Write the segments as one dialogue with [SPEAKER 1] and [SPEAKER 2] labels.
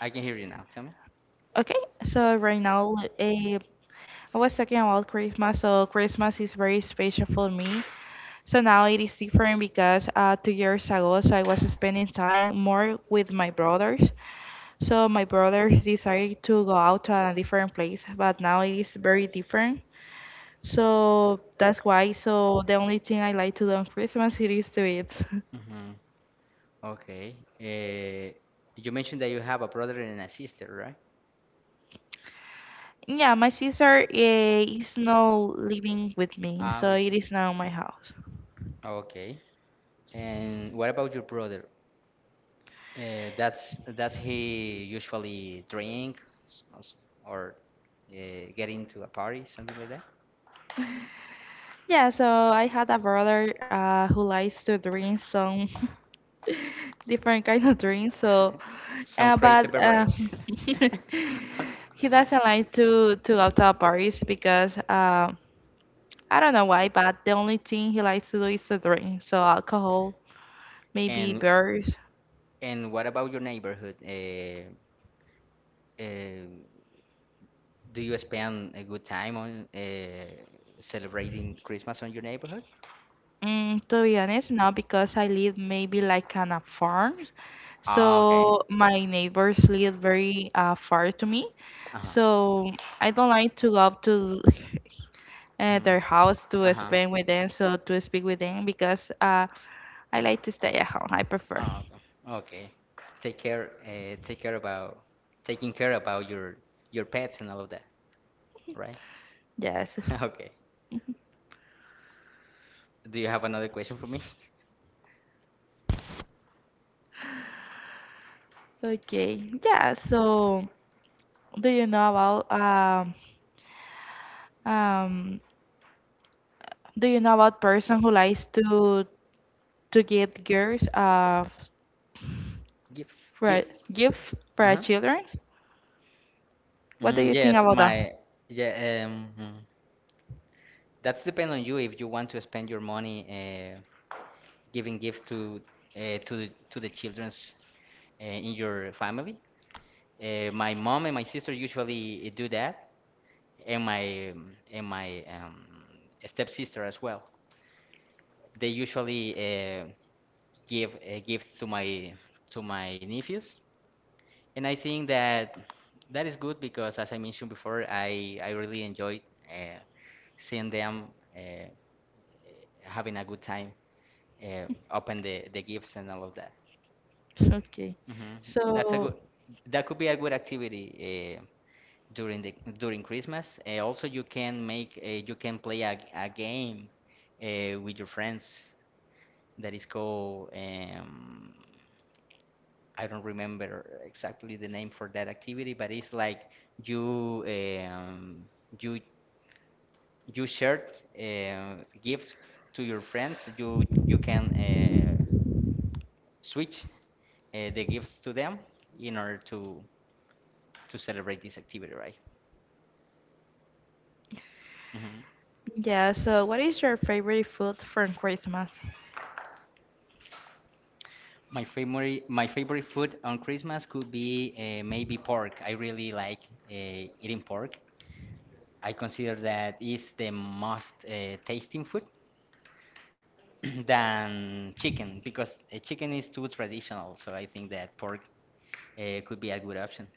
[SPEAKER 1] I can hear you now. Tell me. hmm Okay. You mentioned that you have a brother and a sister, right? Ah, which is okay. And what about your brother? That's does he usually drink s- s- or uh, get into a party, something like that? S- Some crazy beverage. And and what about your neighborhood? Uh, Do you spend a good time on celebrating Christmas on your neighborhood? Ah, okay. Uh-huh. Mhm. Uh-huh. Ah, okay. Take care. Take care about taking care about your pets and all of that, right? Okay. Do you have another question for me? Gifts. Gifts. Uh-huh. Mm, yes, my yeah. Mm. That's depend on you if you want to spend your money giving gift to to the childrens in your family. My mom and my sister usually do that, and my stepsister as well. They usually give gifts to my nephews, and I think that that is good because, as I mentioned before, I really enjoy uh, seeing them, uh, having a good time, uh, open the gifts and all of that. hmm That's a good, that could be a good activity, eh, during the during Christmas. Also, you can make, you can play a game with your friends that is called I don't remember exactly the name for that activity, but it's like you you you share gifts to your friends. You can switch the gifts to them in order to celebrate this activity, right? hmm my favorite food on Christmas could be, maybe pork. I really like eating pork. I consider that is the most tasting food than chicken because, chicken is too traditional. So I think that pork, could be a good option.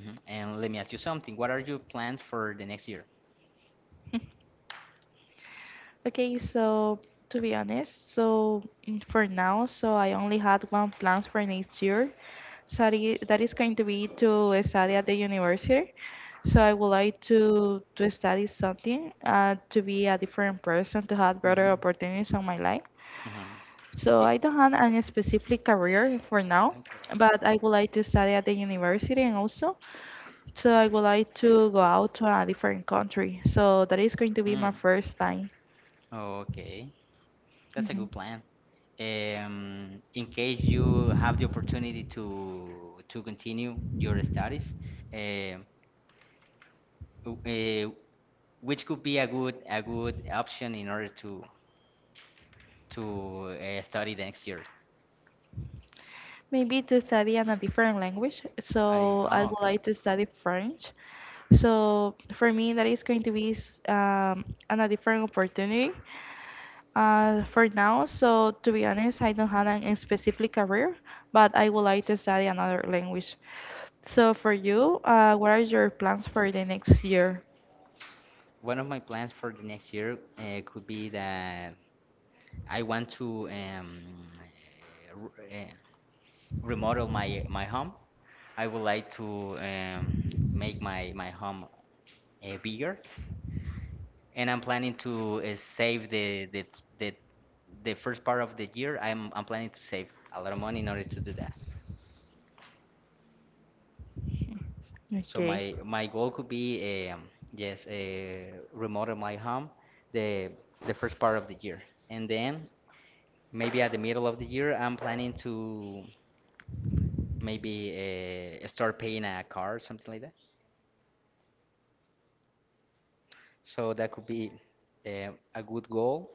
[SPEAKER 1] Mhm. And let me ask you something. What are your plans for the next year? Mhm. Mhm. I- Mm, Oh, okay, that's a good plan. Um, in case you have the opportunity to continue your studies, uh, uh, which could be a good option in order to, study the next year. I Oh, okay. One of my plans for the next year, could be that I want to, uh, r- uh, remodel my home. I would like to, make my home bigger, and I'm planning to, save the the first part of the year. I'm planning to save a lot of money in order to do that. So my goal could be, yes, remodel my home the the first part of the year, and then maybe at the middle of the year, I'm planning to maybe, start paying a car or something like that. So that could be, a good goal.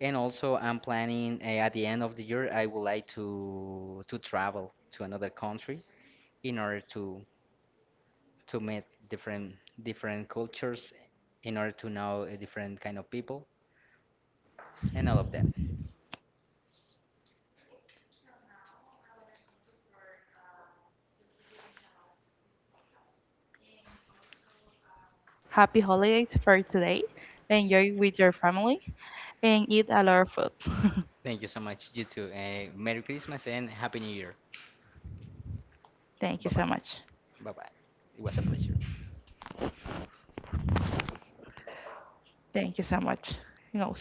[SPEAKER 1] And also, I'm planning, at the end of the year, I would like to travel to another country in order to meet different different cultures in order to know a different kind of people and all of that.
[SPEAKER 2] Happy holidays for today. Enjoy with your family and eat a lot of food.
[SPEAKER 1] Thank you so much, you too. Merry Christmas and Happy New Year.
[SPEAKER 2] Thank
[SPEAKER 1] Bye
[SPEAKER 2] you so
[SPEAKER 1] bye.
[SPEAKER 2] much.
[SPEAKER 1] Bye bye. It was a pleasure.
[SPEAKER 2] Thank you so much. No.